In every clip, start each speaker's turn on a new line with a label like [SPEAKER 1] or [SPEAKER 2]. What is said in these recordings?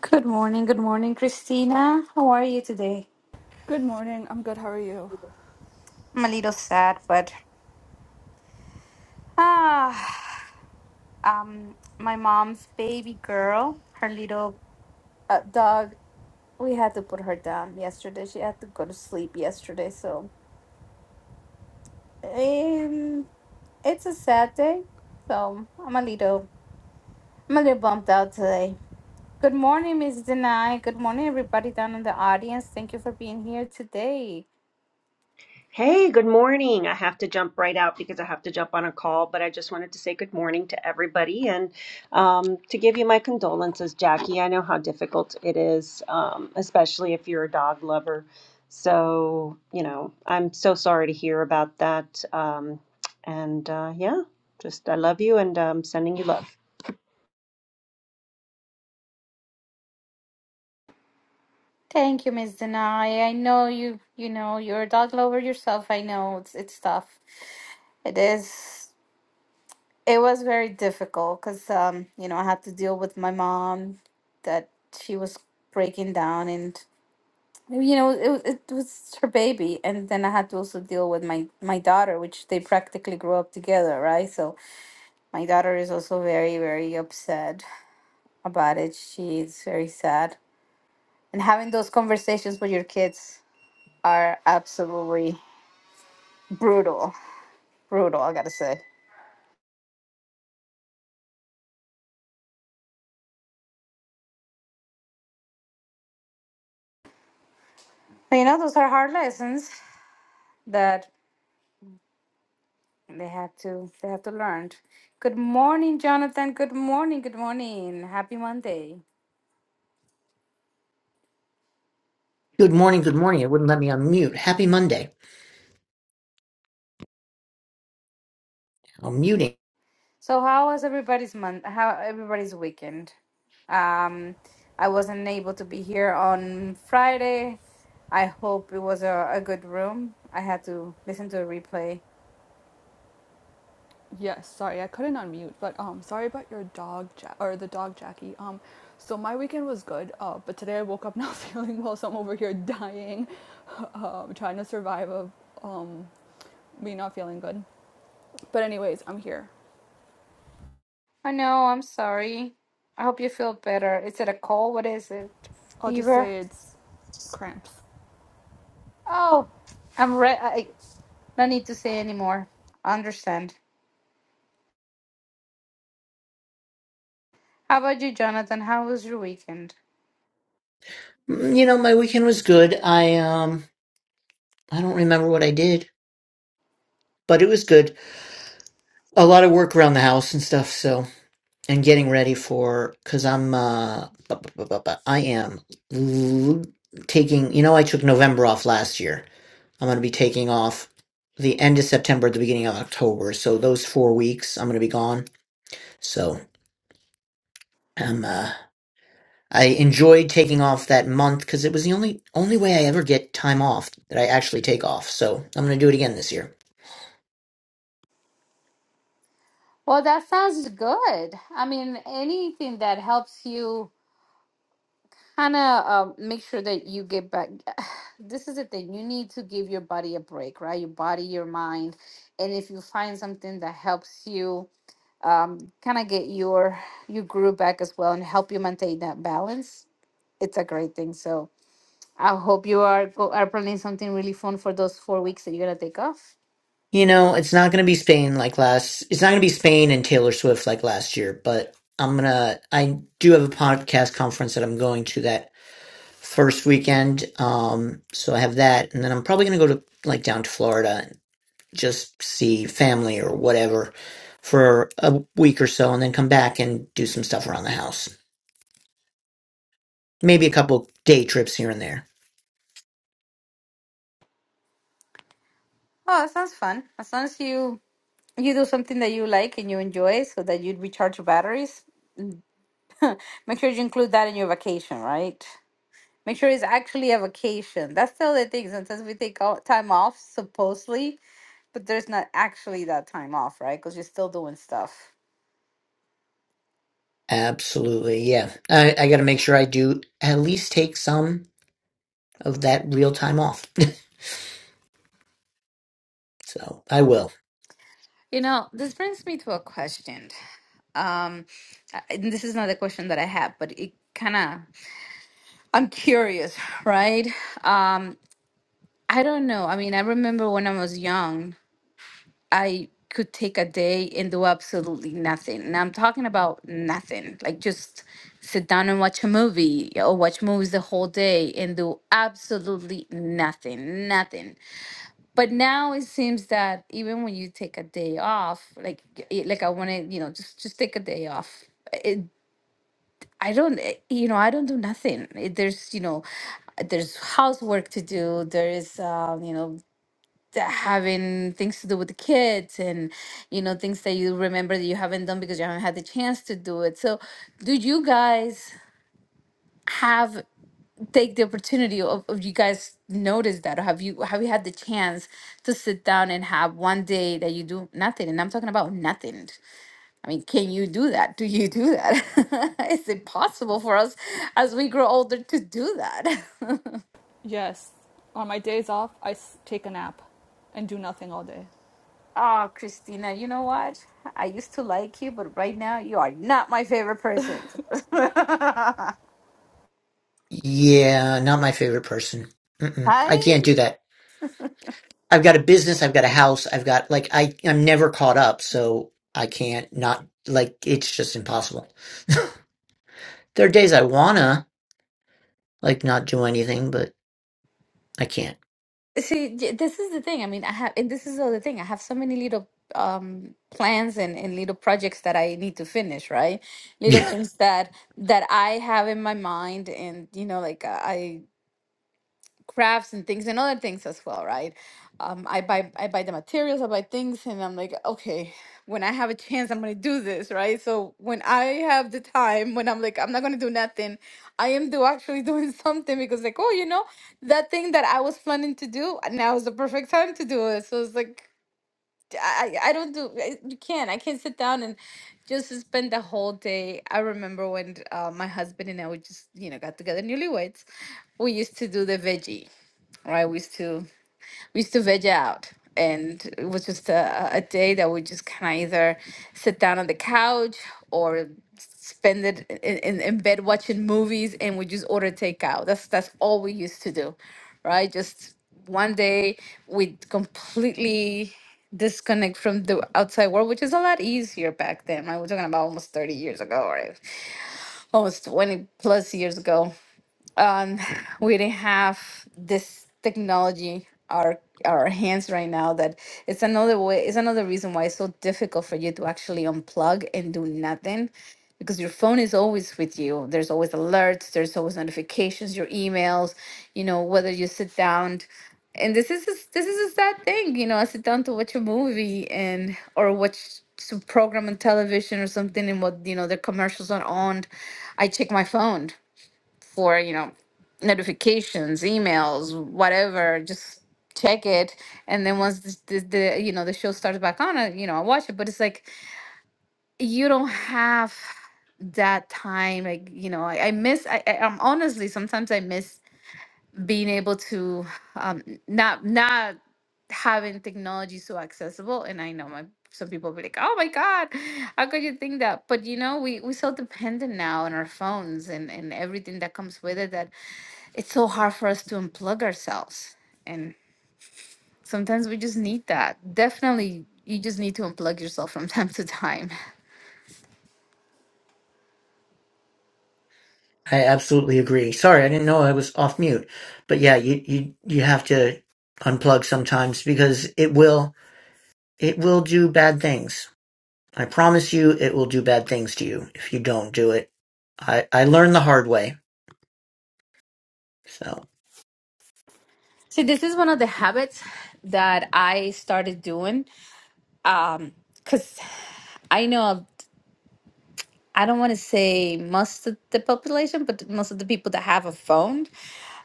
[SPEAKER 1] Good morning, good morning, Christina. How are you today?
[SPEAKER 2] Good morning. I'm good. How are you?
[SPEAKER 1] I'm a little sad, but ah, um, my mom's baby girl, her little uh, dog. We had to put her down yesterday. She had to go to sleep yesterday, so um, it's a sad day. So I'm a little, I'm a little bumped out today. Good morning, Miss Denai. Good morning, everybody down in the audience. Thank you for being here today.
[SPEAKER 3] Hey, good morning. I have to jump right out because I have to jump on a call, but I just wanted to say good morning to everybody and um, to give you my condolences, Jackie. I know how difficult it is, um, especially if you're a dog lover. So, you know, I'm so sorry to hear about that. Um, and uh, yeah, just I love you and um, sending you love.
[SPEAKER 1] Thank you, Miss Denai. I know you, you know, you're a dog lover yourself. I know it's it's tough. It is. It was very difficult because, um, you know, I had to deal with my mom that she was breaking down and, you know, it, it was her baby. And then I had to also deal with my, my daughter, which they practically grew up together, right? So my daughter is also very, very upset about it. She's very sad. And having those conversations with your kids are absolutely brutal. Brutal, I gotta say. But you know, those are hard lessons that they have to they have to learn. Good morning, Jonathan. Good morning. Good morning. Happy Monday.
[SPEAKER 4] Good morning, good morning. It wouldn't let me unmute. Happy Monday. I'm muting.
[SPEAKER 1] So, how was everybody's month? How everybody's weekend? Um, I wasn't able to be here on Friday. I hope it was a, a good room. I had to listen to a replay.
[SPEAKER 2] Yes. Sorry, I couldn't unmute, but um, sorry about your dog, ja- or the dog Jackie. Um, so my weekend was good. Uh, but today I woke up not feeling well, so I'm over here dying, um, trying to survive of um me not feeling good. But anyways, I'm here.
[SPEAKER 1] I know. I'm sorry. I hope you feel better. Is it a cold? What is it?
[SPEAKER 2] I'll just
[SPEAKER 1] Fever?
[SPEAKER 2] say it's cramps.
[SPEAKER 1] Oh, I'm re- I don't need to say anymore. I understand. How about you, Jonathan? How was your weekend?
[SPEAKER 4] Mm, You know, my weekend was good. I um I don't remember what I did, but it was good. A lot of work around the house and stuff, so and getting ready for cuz I'm uh bu- bu- bu- bu- bu- I am l- taking, you know, I took November off last year. I'm going to be taking off the end of September, the beginning of October. So those 4 weeks I'm going to be gone. So I'm uh I enjoyed taking off that month because it was the only only way I ever get time off that I actually take off. So I'm gonna do it again this year.
[SPEAKER 1] Well, that sounds good. I mean, anything that helps you kind of um, make sure that you get back. This is the thing. You need to give your body a break, right? Your body, your mind, and if you find something that helps you um, kind of get your your groove back as well and help you maintain that balance, it's a great thing. So I hope you are go- are planning something really fun for those four weeks that you're gonna take off.
[SPEAKER 4] You know, it's not gonna be Spain like last. It's not gonna be Spain and Taylor Swift like last year. But I'm gonna. I do have a podcast conference that I'm going to that first weekend. Um, so I have that, and then I'm probably gonna go to like down to Florida just see family or whatever for a week or so and then come back and do some stuff around the house. Maybe a couple day trips here and there.
[SPEAKER 1] Oh, that sounds fun. As long as you you do something that you like and you enjoy, so that you recharge your batteries. Make sure you include that in your vacation, right? Make sure it's actually a vacation. That's the other thing. Sometimes we take all time off supposedly, but there's not actually that time off, right? Because you're still doing stuff.
[SPEAKER 4] Absolutely. Yeah. I, I got to make sure I do at least take some of that real time off. so I will.
[SPEAKER 1] You know, this brings me to a question. Um, I- and this is not a question that I have, but it kind of I'm curious, right? Um, I don't know. I mean, I remember when I was young, I could take a day and do absolutely nothing. And I'm talking about nothing, like just sit down and watch a movie or watch movies the whole day and do absolutely nothing, nothing. But now it seems that even when you take a day off, like y- like I want to, you know, just just take a day off. I don't, eh, you know, I don't do nothing. Eh, There's, you know, there's housework to do. There is, um, you know, th- having things to do with the kids and, you know, things that you remember that you haven't done because you haven't had the chance to do it. So, do you guys have take the opportunity of, of you guys notice that or have you have you had the chance to sit down and have one day that you do nothing and i'm talking about nothing I mean, can you do that? Do you do that? it's impossible for us as we grow older to do that.
[SPEAKER 2] Yes. On my days off, I take a nap, and do nothing all day.
[SPEAKER 1] Ah, Christina, you know what? I used to like you, but right now you are not my favorite person.
[SPEAKER 4] Yeah. Not my favorite person. Mm-mm. I
[SPEAKER 1] I
[SPEAKER 4] can't do that. I've got a business. I've got a house. I've got like, I, I'm never caught up. So I can't not like, it's just impossible. There are days I want to like not do anything, but I can't.
[SPEAKER 1] see. j- This is the thing. I mean, I have, and this is the other thing. I have so many little um plans and, and little projects that I need to finish, right? Little
[SPEAKER 4] Yeah,
[SPEAKER 1] things that that I have in my mind, and you know, like uh, I crafts and things and other things as well, right? Um, I buy I buy the materials, I buy things, and I'm like, okay, when I have a chance, I'm gonna do this, right? So when I have the time, when I'm like, I'm not gonna do nothing, I am do actually doing something because like, oh, you know, that thing that I was planning to do, now is the perfect time to do it. So it's like I, I don't do I- you can't I can't sit down and just spend the whole day. I remember when uh, my husband and I we just you know got together newlyweds. We used to do the veggie, right? We used to we used to veg out and it was just a, a day that we just kind of either sit down on the couch or spend it in, in, in bed watching movies and we just order takeout that's that's all we used to do right just one day we completely disconnect from the outside world which is a lot easier back then right we're talking about almost 30 years ago right almost 20 plus years ago um, we didn't have this technology our our hands right now that it's another way it's another reason why it's so difficult for you to actually unplug and do nothing because your phone is always with you there's always alerts there's always notifications your emails you know whether you sit down and this is a, s- this is a sad thing you know i sit down to watch a movie and or watch some program on television or something and what you know the commercials are on i check my phone for you know notifications emails whatever just check it and then once this, this, the you know the show starts back on I, you know i watch it but it's like you don't have that time like you know i, I miss I, I i'm honestly sometimes i miss being able to um not not having technology so accessible and i know my some people be like oh my god how could you think that but you know we we so dependent now on our phones and and everything that comes with it that it's so hard for us to unplug ourselves. And sometimes we just need that. Definitely, you just need to unplug yourself from time to time.
[SPEAKER 4] I absolutely agree. Sorry, I didn't know I was off mute. But yeah, you you you have to unplug sometimes because it will it will do bad things. I promise you, it will do bad things to you if you don't do it. I I learned the hard way. So
[SPEAKER 1] See, this is one of the habits that I started doing. Um, cause I know I don't want to say most of the population, but most of the people that have a phone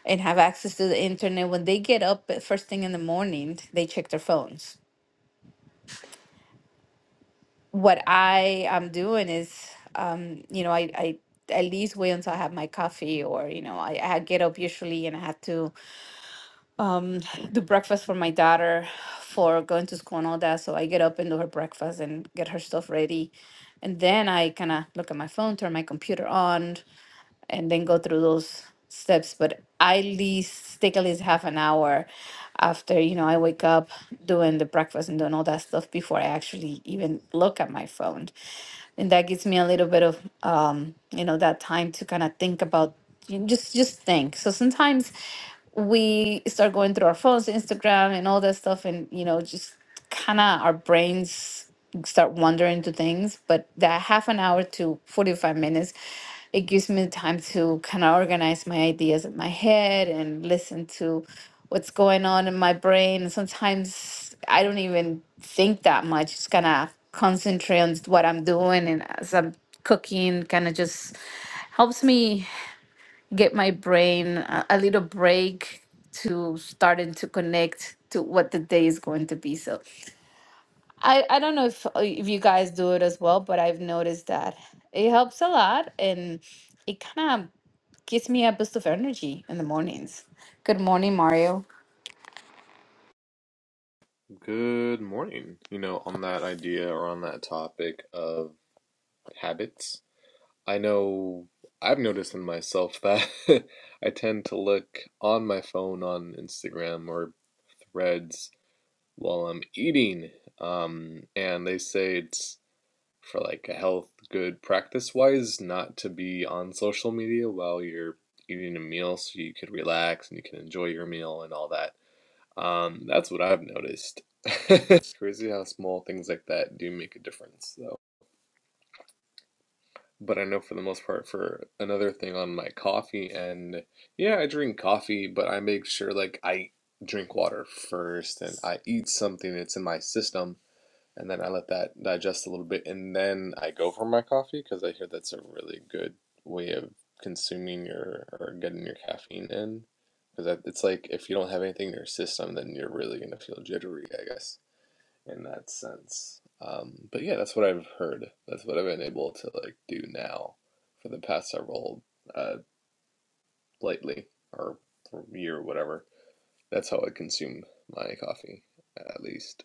[SPEAKER 1] and have access to the internet, when they get up at first thing in the morning, they check their phones what I am doing is, um, you know, I, I at least wait until I have my coffee, or you know, I, I get up usually and I have to um, do breakfast for my daughter for going to school and all that. So I get up and do her breakfast and get her stuff ready, and then I kind of look at my phone, turn my computer on, and then go through those steps. But I at least take at least half an hour after you know I wake up doing the breakfast and doing all that stuff before I actually even look at my phone and that gives me a little bit of um, you know that time to kind of think about you know, just just think. So sometimes we start going through our phones, Instagram, and all that stuff, and you know, just kind of our brains start wandering to things. But that half an hour to 45 minutes, it gives me time to kind of organize my ideas in my head and listen to what's going on in my brain. And sometimes I don't even think that much. Just kind of concentrate on what I'm doing and as I'm cooking, kind of just helps me get my brain a, a little break to starting to connect to what the day is going to be. So I, I don't know if uh, if you guys do it as well, but I've noticed that it helps a lot and it kind of gives me a boost of energy in the mornings. Good morning, Mario.
[SPEAKER 5] Good morning. You know, on that idea or on that topic of habits, I know I've noticed in myself that I tend to look on my phone on Instagram or Threads while I'm eating. Um, and they say it's for like a health good practice wise not to be on social media while you're eating a meal so you could relax and you can enjoy your meal and all that. Um, that's what I've noticed. It's crazy how small things like that do make a difference, though. But I know for the most part, for another thing on my coffee, and yeah, I drink coffee, but I make sure like I drink water first and I eat something that's in my system, and then I let that digest a little bit, and then I go for my coffee because I hear that's a really good way of consuming your or getting your caffeine in. Because it's like if you don't have anything in your system, then you're really gonna feel jittery, I guess in that sense. Um, but yeah, that's what I've heard. That's what I've been able to like do now for the past several uh, lately or year or whatever. That's how I consume my coffee, at least.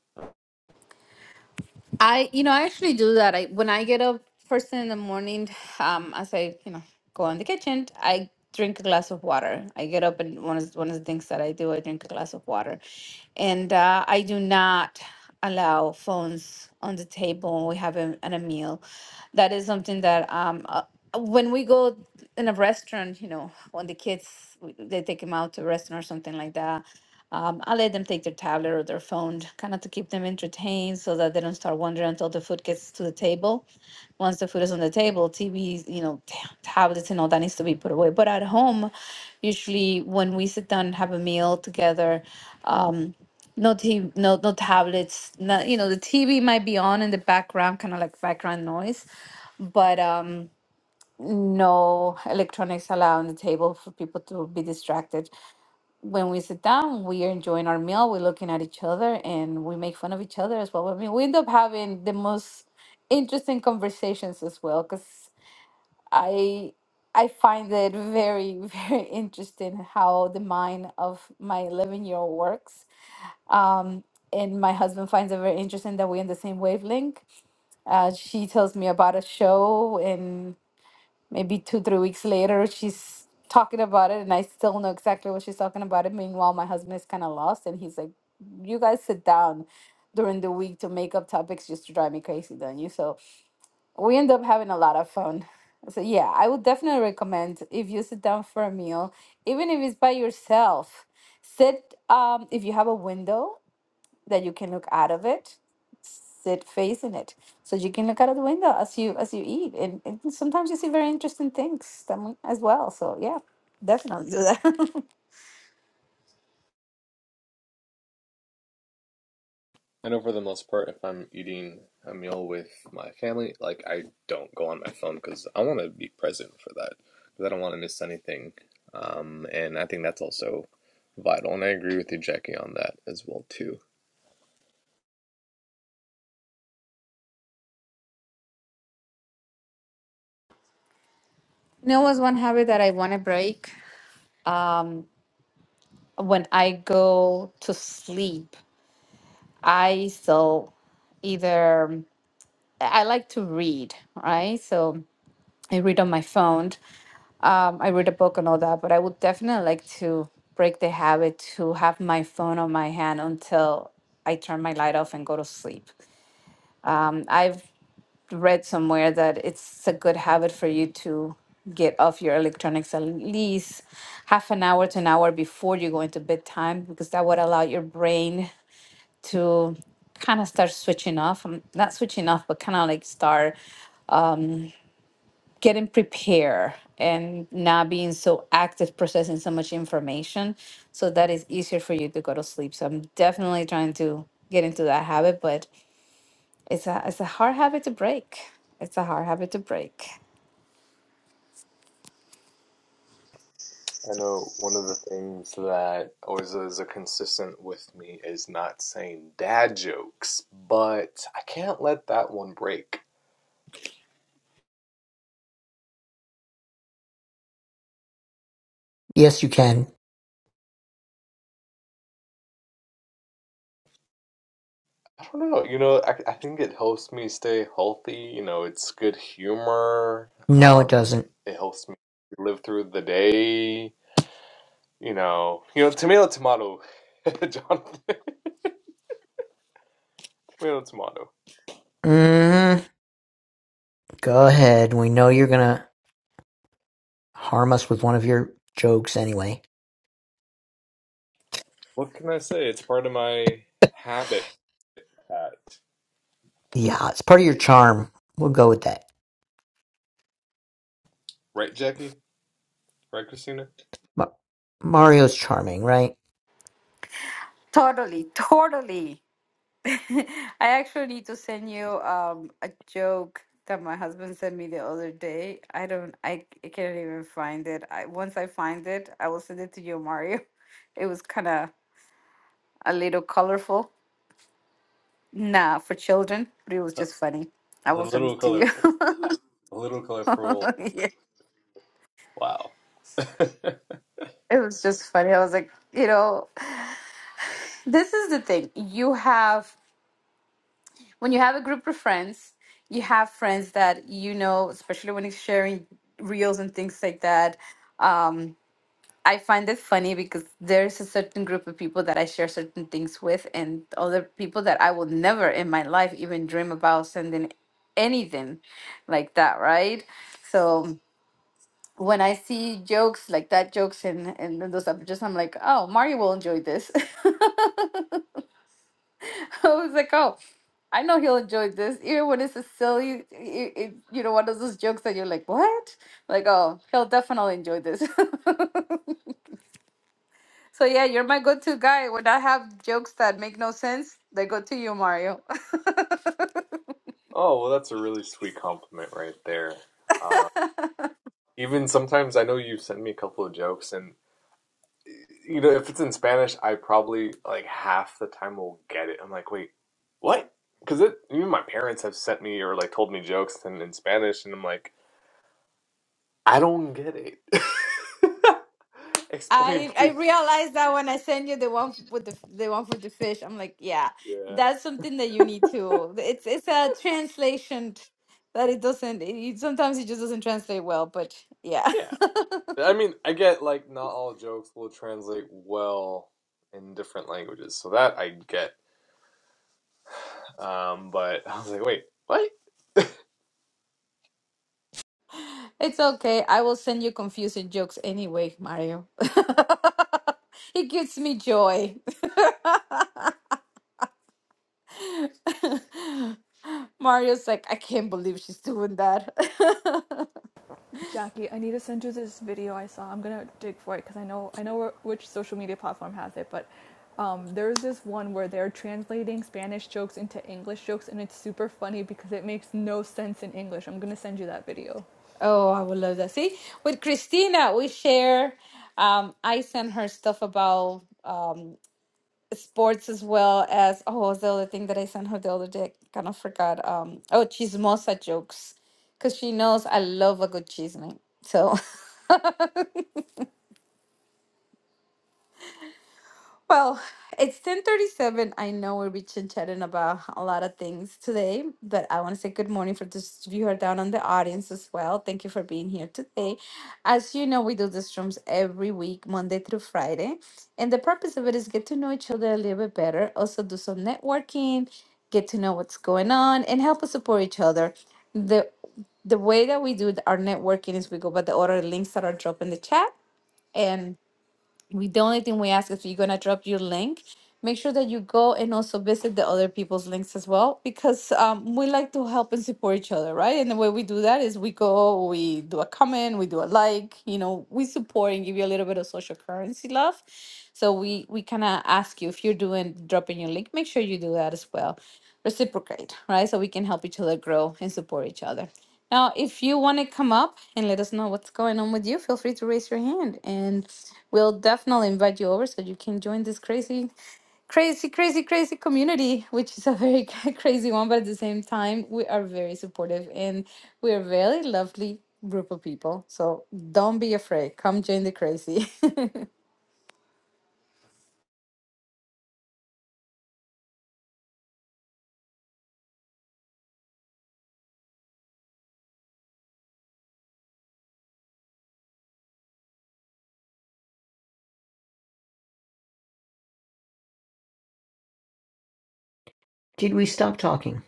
[SPEAKER 1] I, you know, I actually do that. I when I get up first thing in the morning, um, as I, you know, go in the kitchen, I drink a glass of water. I get up and one of one of the things that I do, I drink a glass of water, and uh, I do not allow phones on the table when we have a, at a meal. That is something that um. Uh, when we go in a restaurant, you know, when the kids we- they take them out to a restaurant or something like that, um, I let them take their tablet or their phone, kind of to keep them entertained so that they don't start wandering until the food gets to the table. Once the food is on the table, TVs, you know, ta- tablets and all that needs to be put away. But at home, usually when we sit down and have a meal together, um, no TV, no no tablets, not, you know, the TV might be on in the background, kind of like background noise, but um, no electronics allowed on the table for people to be distracted when we sit down, we are enjoying our meal, we're looking at each other, and we make fun of each other as well. I mean, we end up having the most interesting conversations as well, because I I find it very very interesting how the mind of my eleven year old works. Um, and my husband finds it very interesting that we're in the same wavelength. Uh, she tells me about a show and maybe two three weeks later she's talking about it and i still know exactly what she's talking about it meanwhile my husband is kind of lost and he's like you guys sit down during the week to make up topics just to drive me crazy don't you so we end up having a lot of fun so yeah i would definitely recommend if you sit down for a meal even if it's by yourself sit um if you have a window that you can look out of it Sit face in it so you can look out of the window as you as you eat and, and sometimes you see very interesting things that as well so yeah definitely do that You
[SPEAKER 5] I know for the most part, if I'm eating a meal with my family, like I don't go on my phone because I want to be present for that because I don't want to miss anything. Um, and I think that's also vital, and I agree with you, Jackie, on that as well too.
[SPEAKER 1] know what's one habit that I want to break? um when i go to sleep i still either i like to read right so i read on my phone um, I read a book and all that, but I would definitely like to break the habit to have my phone on my hand until I turn my light off and go to sleep. Um, I've read somewhere that it's a good habit for you to get off your electronics at least half an hour to an hour before you go into bedtime because that would allow your brain to kind of start switching off. um, Not switching off, but kind of like start getting prepared and not being so active processing so much information so that is easier for you to go to sleep. So I'm definitely trying to get into that habit, but It's a it's a hard habit to break. It's a hard habit to break.
[SPEAKER 5] I know one of the things that always is a consistent with me is not saying dad jokes, but I can't let that one break.
[SPEAKER 4] yes, you can.
[SPEAKER 5] I don't know, you know, I, I think it helps me stay healthy. You know, it's good humor.
[SPEAKER 4] No, it
[SPEAKER 5] Um,
[SPEAKER 4] doesn't.
[SPEAKER 5] it helps me live through the day. You know, you know, tomato, tomato, Jonathan, tomato, tomato.
[SPEAKER 4] Mm, go ahead. We know you're gonna harm us with one of your jokes anyway.
[SPEAKER 5] What can I say? It's part of my habit.
[SPEAKER 4] Yeah, it's part of your charm. We'll go with that.
[SPEAKER 5] Right, Jackie? Right, Christina?
[SPEAKER 4] Ma- Mario's charming, right?
[SPEAKER 1] Totally, totally. I actually need to send you um a joke that my husband sent me the other day. I don't I, I can't even find it. I once I find it, I will send it to you, Mario. It was kind of a little colorful. Nah, for children, but it was
[SPEAKER 5] A,
[SPEAKER 1] just funny. I
[SPEAKER 5] a
[SPEAKER 1] will send
[SPEAKER 5] little
[SPEAKER 1] it to you.
[SPEAKER 5] colorful. A little approval.
[SPEAKER 1] Yeah.
[SPEAKER 5] Wow.
[SPEAKER 1] It was just funny. I was like, you know, this is the thing. You have when you have a group of friends, you have friends that you know, especially when it's sharing reels and things like that. Um, I find it funny because there's a certain group of people that I share certain things with, and other people that I will never in my life even dream about sending anything like that, right? So when I see jokes like that, jokes and and those up, just I'm like, oh, Mario will enjoy this. I was like, oh, I know he'll enjoy this. Even when it's a silly, it, it, you know, one of those jokes that you're like, what? Like, oh, he'll definitely enjoy this. so yeah, you're my go-to guy. When I have jokes that make no sense, they go to you, Mario.
[SPEAKER 5] Oh, well, that's a really sweet compliment right there. Uh, even sometimes I know you send me a couple of jokes, and you know if it's in Spanish, I probably like half the time will get it. I'm like, wait, what? Because it even my parents have sent me or like told me jokes in, in Spanish, and I'm like, I don't get it. Explain,
[SPEAKER 1] I I
[SPEAKER 5] please.
[SPEAKER 1] realized that when I send you the one f- with the f- the one for the fish, I'm like, yeah,
[SPEAKER 5] Yeah.
[SPEAKER 1] that's something that you need to. It's it's a translation t- that it doesn't. It, it- sometimes it just doesn't translate well, but yeah.
[SPEAKER 5] Yeah. I mean, I get like not all jokes will translate well in different languages, so that I get. Um, but I was like, wait, what?
[SPEAKER 1] It's okay. I will send you confusing jokes anyway, Mario. It gives me joy. Mario's like, I can't believe she's doing that.
[SPEAKER 2] Jackie, I need to send you this video I saw. I'm gonna dig for it because I know I know which social media platform has it, but um, there's this one where they're translating Spanish jokes into English jokes, and it's super funny because it makes no sense in English. I'm gonna send you that video.
[SPEAKER 1] Oh, I would love that. See, with Christina, we share. Um, I send her stuff about um sports as well as oh, what was the other thing that I sent her the other day? Kind of forgot. Um, oh, chismosa jokes, because she knows I love a good chisme. So. Well, it's 10:37. I know we've been chit-chatting about a lot of things today, but I want to say good morning for this viewer down on the audience as well. Thank you for being here today. As you know, we do these rooms every week, Monday through Friday, and the purpose of it is get to know each other a little bit better, also do some networking, get to know what's going on, and help us support each other. The the way that we do our networking is we go by the order of links that are dropped in the chat we the only thing we ask is if you're gonna drop your link make sure that you go and also visit the other people's links as well because um, we like to help and support each other right and the way we do that is we go we do a comment we do a like you know we support and give you a little bit of social currency love so we we kind of ask you if you're doing dropping your link make sure you do that as well reciprocate right so we can help each other grow and support each other now, if you want to come up and let us know what's going on with you, feel free to raise your hand and we'll definitely invite you over so you can join this crazy, crazy, crazy, crazy community, which is a very crazy one, but at the same time, we are very supportive and we are a very lovely group of people. So don't be afraid. Come join the crazy.
[SPEAKER 4] Did we stop talking?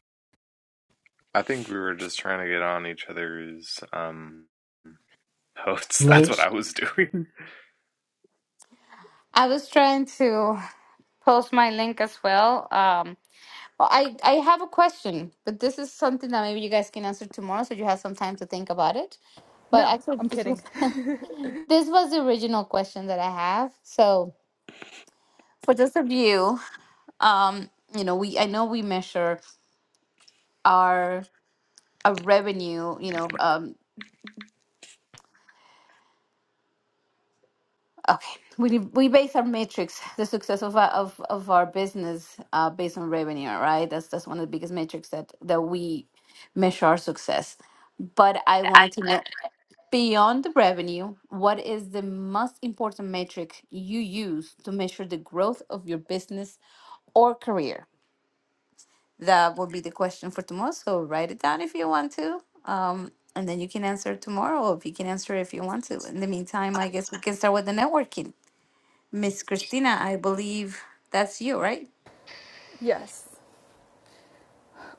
[SPEAKER 5] I think we were just trying to get on each other's um notes. That's what
[SPEAKER 4] Lynch.
[SPEAKER 5] I was doing.
[SPEAKER 1] I was trying to post my link as well. Um, Well, I, I have a question, but this is something that maybe you guys can answer tomorrow, so you have some time to think about it. But
[SPEAKER 2] No,
[SPEAKER 1] actually,
[SPEAKER 2] I'm
[SPEAKER 1] this
[SPEAKER 2] kidding.
[SPEAKER 1] was this was the original question that I have. So for those of you, um, you know, we I know we measure our a revenue, you know, um, okay, we we base our metrics, the success of our, of of our business, uh, based on revenue, right? That's that's one of the biggest metrics that that we measure our success. But I wanted to know. Beyond the revenue, what is the most important metric you use to measure the growth of your business or career? That will be the question for tomorrow. So write it down if you want to. Um, and then you can answer tomorrow, or if you can answer if you want to. In the meantime, I guess we can start with the networking. Miss Christina, I believe that's you, right?
[SPEAKER 2] Yes,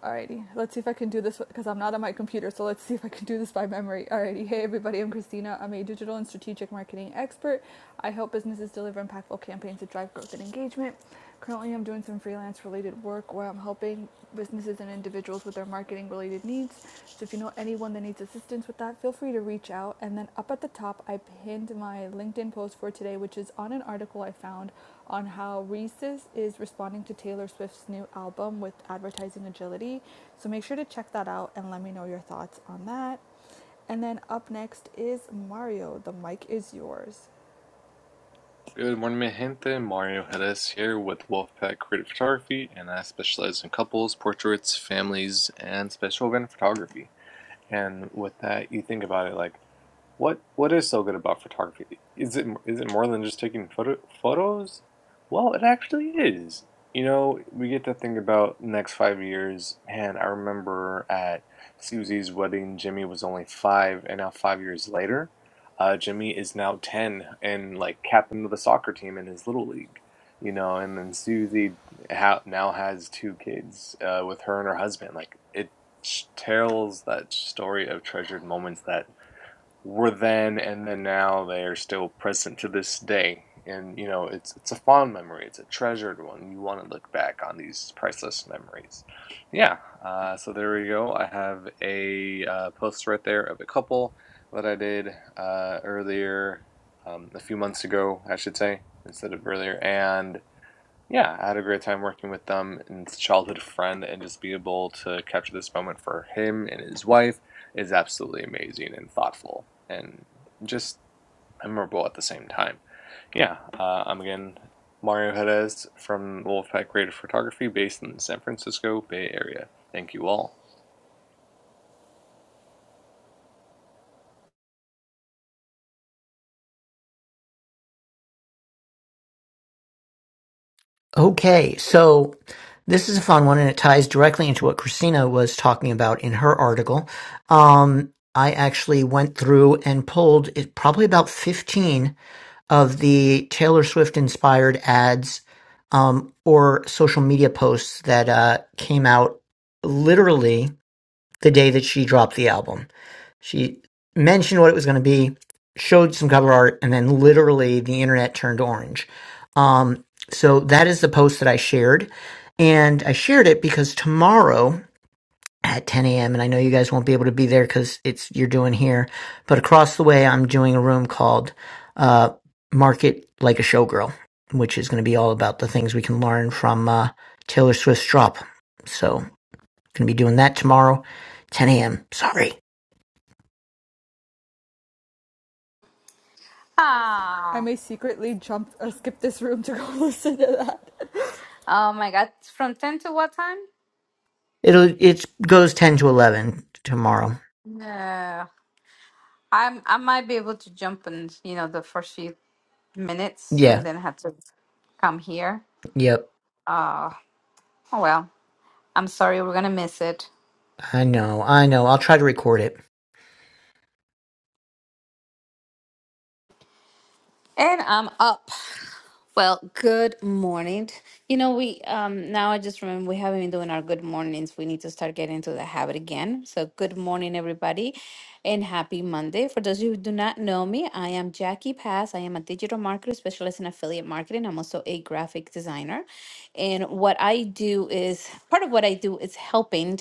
[SPEAKER 2] Alrighty, let's see if I can do this because I'm not on my computer, so let's see if I can do this by memory. Alrighty, hey everybody, I'm Christina. I'm a digital and strategic marketing expert. I help businesses deliver impactful campaigns that drive growth and engagement. Currently, I'm doing some freelance related work where I'm helping businesses and individuals with their marketing related needs. So, if you know anyone that needs assistance with that, feel free to reach out. And then up at the top, I pinned my LinkedIn post for today, which is on an article I found on how Reese's is responding to Taylor Swift's new album with advertising agility. So make sure to check that out and let me know your thoughts on that. And then up next is Mario. The mic is yours.
[SPEAKER 5] Good morning, mi gente. Mario Hedes here with Wolfpack Creative Photography, and I specialize in couples, portraits, families, and special event photography. And with that, you think about it like What what is so good about photography? Is it is it more than just taking photo photos? Well, it actually is. You know, we get to think about next five years. Man, I remember at Susie's wedding, Jimmy was only five, and now five years later, uh, Jimmy is now ten and like captain of the soccer team in his little league. You know, and then Susie ha now has two kids uh, with her and her husband. Like it tells that story of treasured moments that were then and then now they are still present to this day and you know it's it's a fond memory it's a treasured one you want to look back on these priceless memories yeah uh, so there we go i have a uh, post right there of a couple that i did uh, earlier um, a few months ago i should say instead of earlier and. Yeah, I had a great time working with them, and it's a childhood friend, and just be able to capture this moment for him and his wife is absolutely amazing and thoughtful and just memorable at the same time. Yeah, uh, I'm again Mario Jerez from Wolfpack Creative Photography, based in the San Francisco Bay Area. Thank you all.
[SPEAKER 4] Okay, so this is a fun one, and it ties directly into what Christina was talking about in her article. Um, I actually went through and pulled it, probably about 15 of the Taylor Swift inspired ads um, or social media posts that uh, came out literally the day that she dropped the album. She mentioned what it was going to be, showed some cover art, and then literally the internet turned orange. Um, so that is the post that I shared. And I shared it because tomorrow at 10 a.m., and I know you guys won't be able to be there because it's you're doing here, but across the way, I'm doing a room called uh, Market Like a Showgirl, which is going to be all about the things we can learn from uh, Taylor Swift's drop. So, going to be doing that tomorrow, 10 a.m. Sorry.
[SPEAKER 2] I
[SPEAKER 1] Ah,
[SPEAKER 2] may secretly jump, uh, skip this room to go listen to that.
[SPEAKER 1] oh my God. From 10 to what time?
[SPEAKER 4] It'll it goes ten to eleven tomorrow.
[SPEAKER 1] No. I'm I might be able to jump in, you know, the first few minutes and
[SPEAKER 4] Yeah.
[SPEAKER 1] then have to come here.
[SPEAKER 4] Yep.
[SPEAKER 1] Uh, oh well. I'm sorry, we're gonna miss it.
[SPEAKER 4] I know. I know. I'll try to record it.
[SPEAKER 1] And I'm up. Well, good morning. You know, we um now I just remember we haven't been doing our good mornings. We need to start getting into the habit again. So good morning everybody and happy Monday. For those of you who do not know me, I am Jackie Pass. I am a digital marketer specialist in affiliate marketing. I'm also a graphic designer. And what I do is part of what I do is helping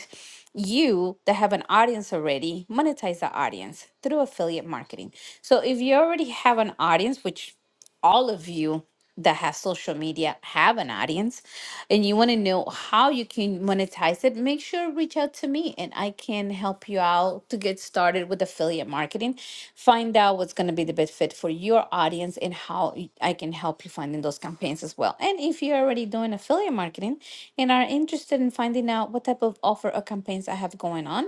[SPEAKER 1] you that have an audience already monetize the audience through affiliate marketing. So if you already have an audience, which all of you that have social media have an audience and you want to know how you can monetize it make sure reach out to me and i can help you out to get started with affiliate marketing find out what's going to be the best fit for your audience and how y- i can help you finding those campaigns as well and if you're already doing affiliate marketing and are interested in finding out what type of offer or campaigns i have going on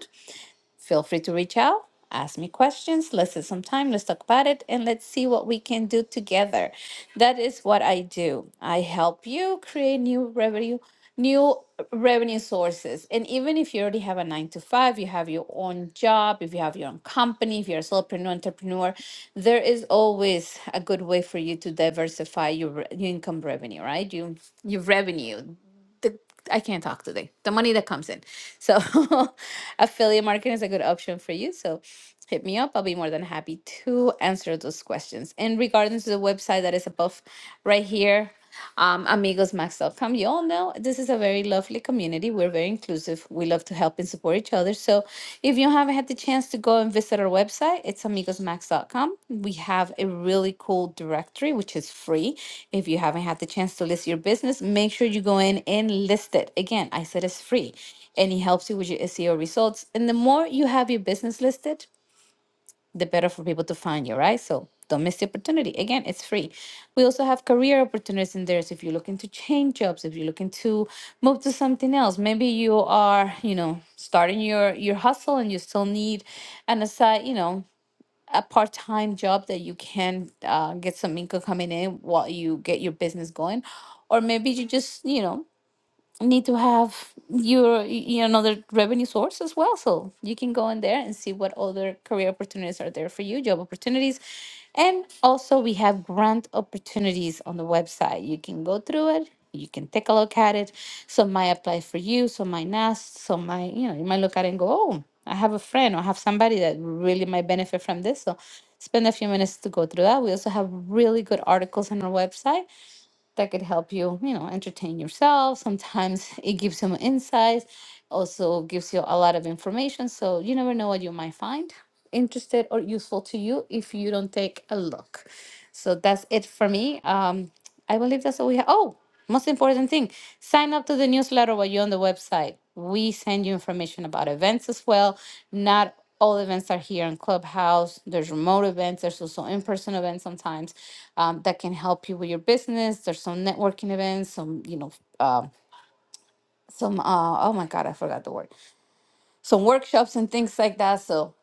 [SPEAKER 1] Feel free to reach out, ask me questions. Let's set some time, let's talk about it, and let's see what we can do together. That is what I do. I help you create new revenue new revenue sources. And even if you already have a nine to five, you have your own job, if you have your own company, if you're a solopreneur, entrepreneur, there is always a good way for you to diversify your, re- your income revenue, right? You, your revenue the I can't talk today. The money that comes in. So affiliate marketing is a good option for you. So hit me up. I'll be more than happy to answer those questions. In regards to the website that is above right here, um, amigosmax.com, you all know this is a very lovely community. We're very inclusive. We love to help help and support each other. So if you haven't had the chance to go and visit our website, it's amigosmax.com. We have a really cool directory, which is free. If you haven't had the chance to list your business, make sure you go in and list it. Again, I said it's free and it helps you with your SEO results. And the more you have your business listed, the better for people to find you, right? So don't miss the opportunity. Again, it's free. We also have career opportunities in there. So if you're looking to change jobs, if you're looking to move to something else, maybe you are, you know, starting your your hustle and you still need an aside, you know, a part-time job that you can uh, get some income coming in while you get your business going. Or maybe you just, you know, need to have your you know another revenue source as well so you can go in there and see what other career opportunities are there for you job opportunities and also we have grant opportunities on the website you can go through it you can take a look at it some might apply for you some might not some might you know you might look at it and go oh i have a friend or I have somebody that really might benefit from this so spend a few minutes to go through that we also have really good articles on our website that could help you, you know, entertain yourself. Sometimes it gives you more insights, also gives you a lot of information. So you never know what you might find interested or useful to you if you don't take a look. So that's it for me. Um, I believe that's all we have. Oh, most important thing sign up to the newsletter while you're on the website. We send you information about events as well, not all events are here in Clubhouse. There's remote events. There's also in-person events sometimes um, that can help you with your business. There's some networking events, some you know, um some uh, oh my god, I forgot the word. Some workshops and things like that. So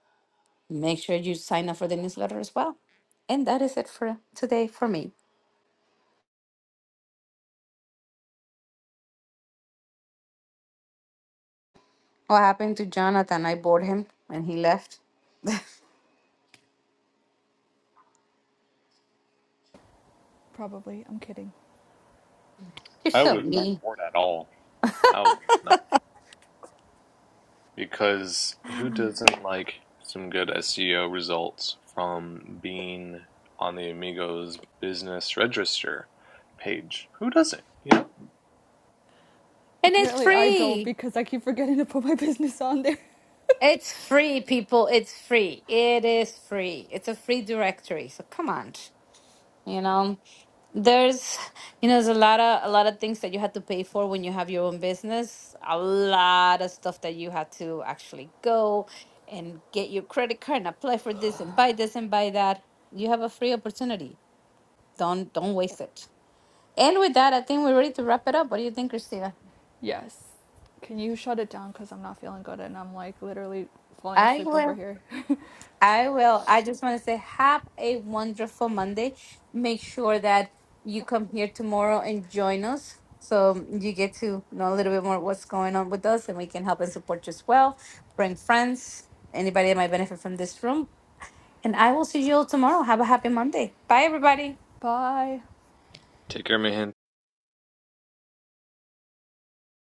[SPEAKER 1] make sure you sign up for the newsletter as well. And that is it for today for me. What happened to Jonathan? I bored him and he left.
[SPEAKER 2] Probably. I'm kidding.
[SPEAKER 1] You're
[SPEAKER 5] I
[SPEAKER 1] so
[SPEAKER 5] was not
[SPEAKER 1] mean.
[SPEAKER 5] bored at all. I was not. Because who doesn't like some good SEO results from being on the Amigos business register page? Who doesn't? You know?
[SPEAKER 1] And it's
[SPEAKER 2] Apparently, I don't
[SPEAKER 1] free.
[SPEAKER 2] because I keep forgetting to put my business on there.
[SPEAKER 1] It's free, people. It's free. It is free. It's a free directory. So come on. you know there's you know there's a lot of a lot of things that you had to pay for when you have your own business a lot of stuff that you had to actually go and get your credit card and apply for this and buy this and buy that you have a free opportunity don't don't waste it and with that i think we're ready to wrap it up what do you think christina
[SPEAKER 2] Yes. Can you shut it down? Because I'm not feeling good and I'm like literally falling
[SPEAKER 1] i
[SPEAKER 2] asleep over
[SPEAKER 1] will
[SPEAKER 2] here.
[SPEAKER 1] I will. I just want to say, have a wonderful Monday. Make sure that you come here tomorrow and join us so you get to know a little bit more what's going on with us and we can help and support you as well. Bring friends, anybody that might benefit from this room. And I will see you all tomorrow. Have a happy Monday. Bye, everybody.
[SPEAKER 2] Bye.
[SPEAKER 5] Take care, man.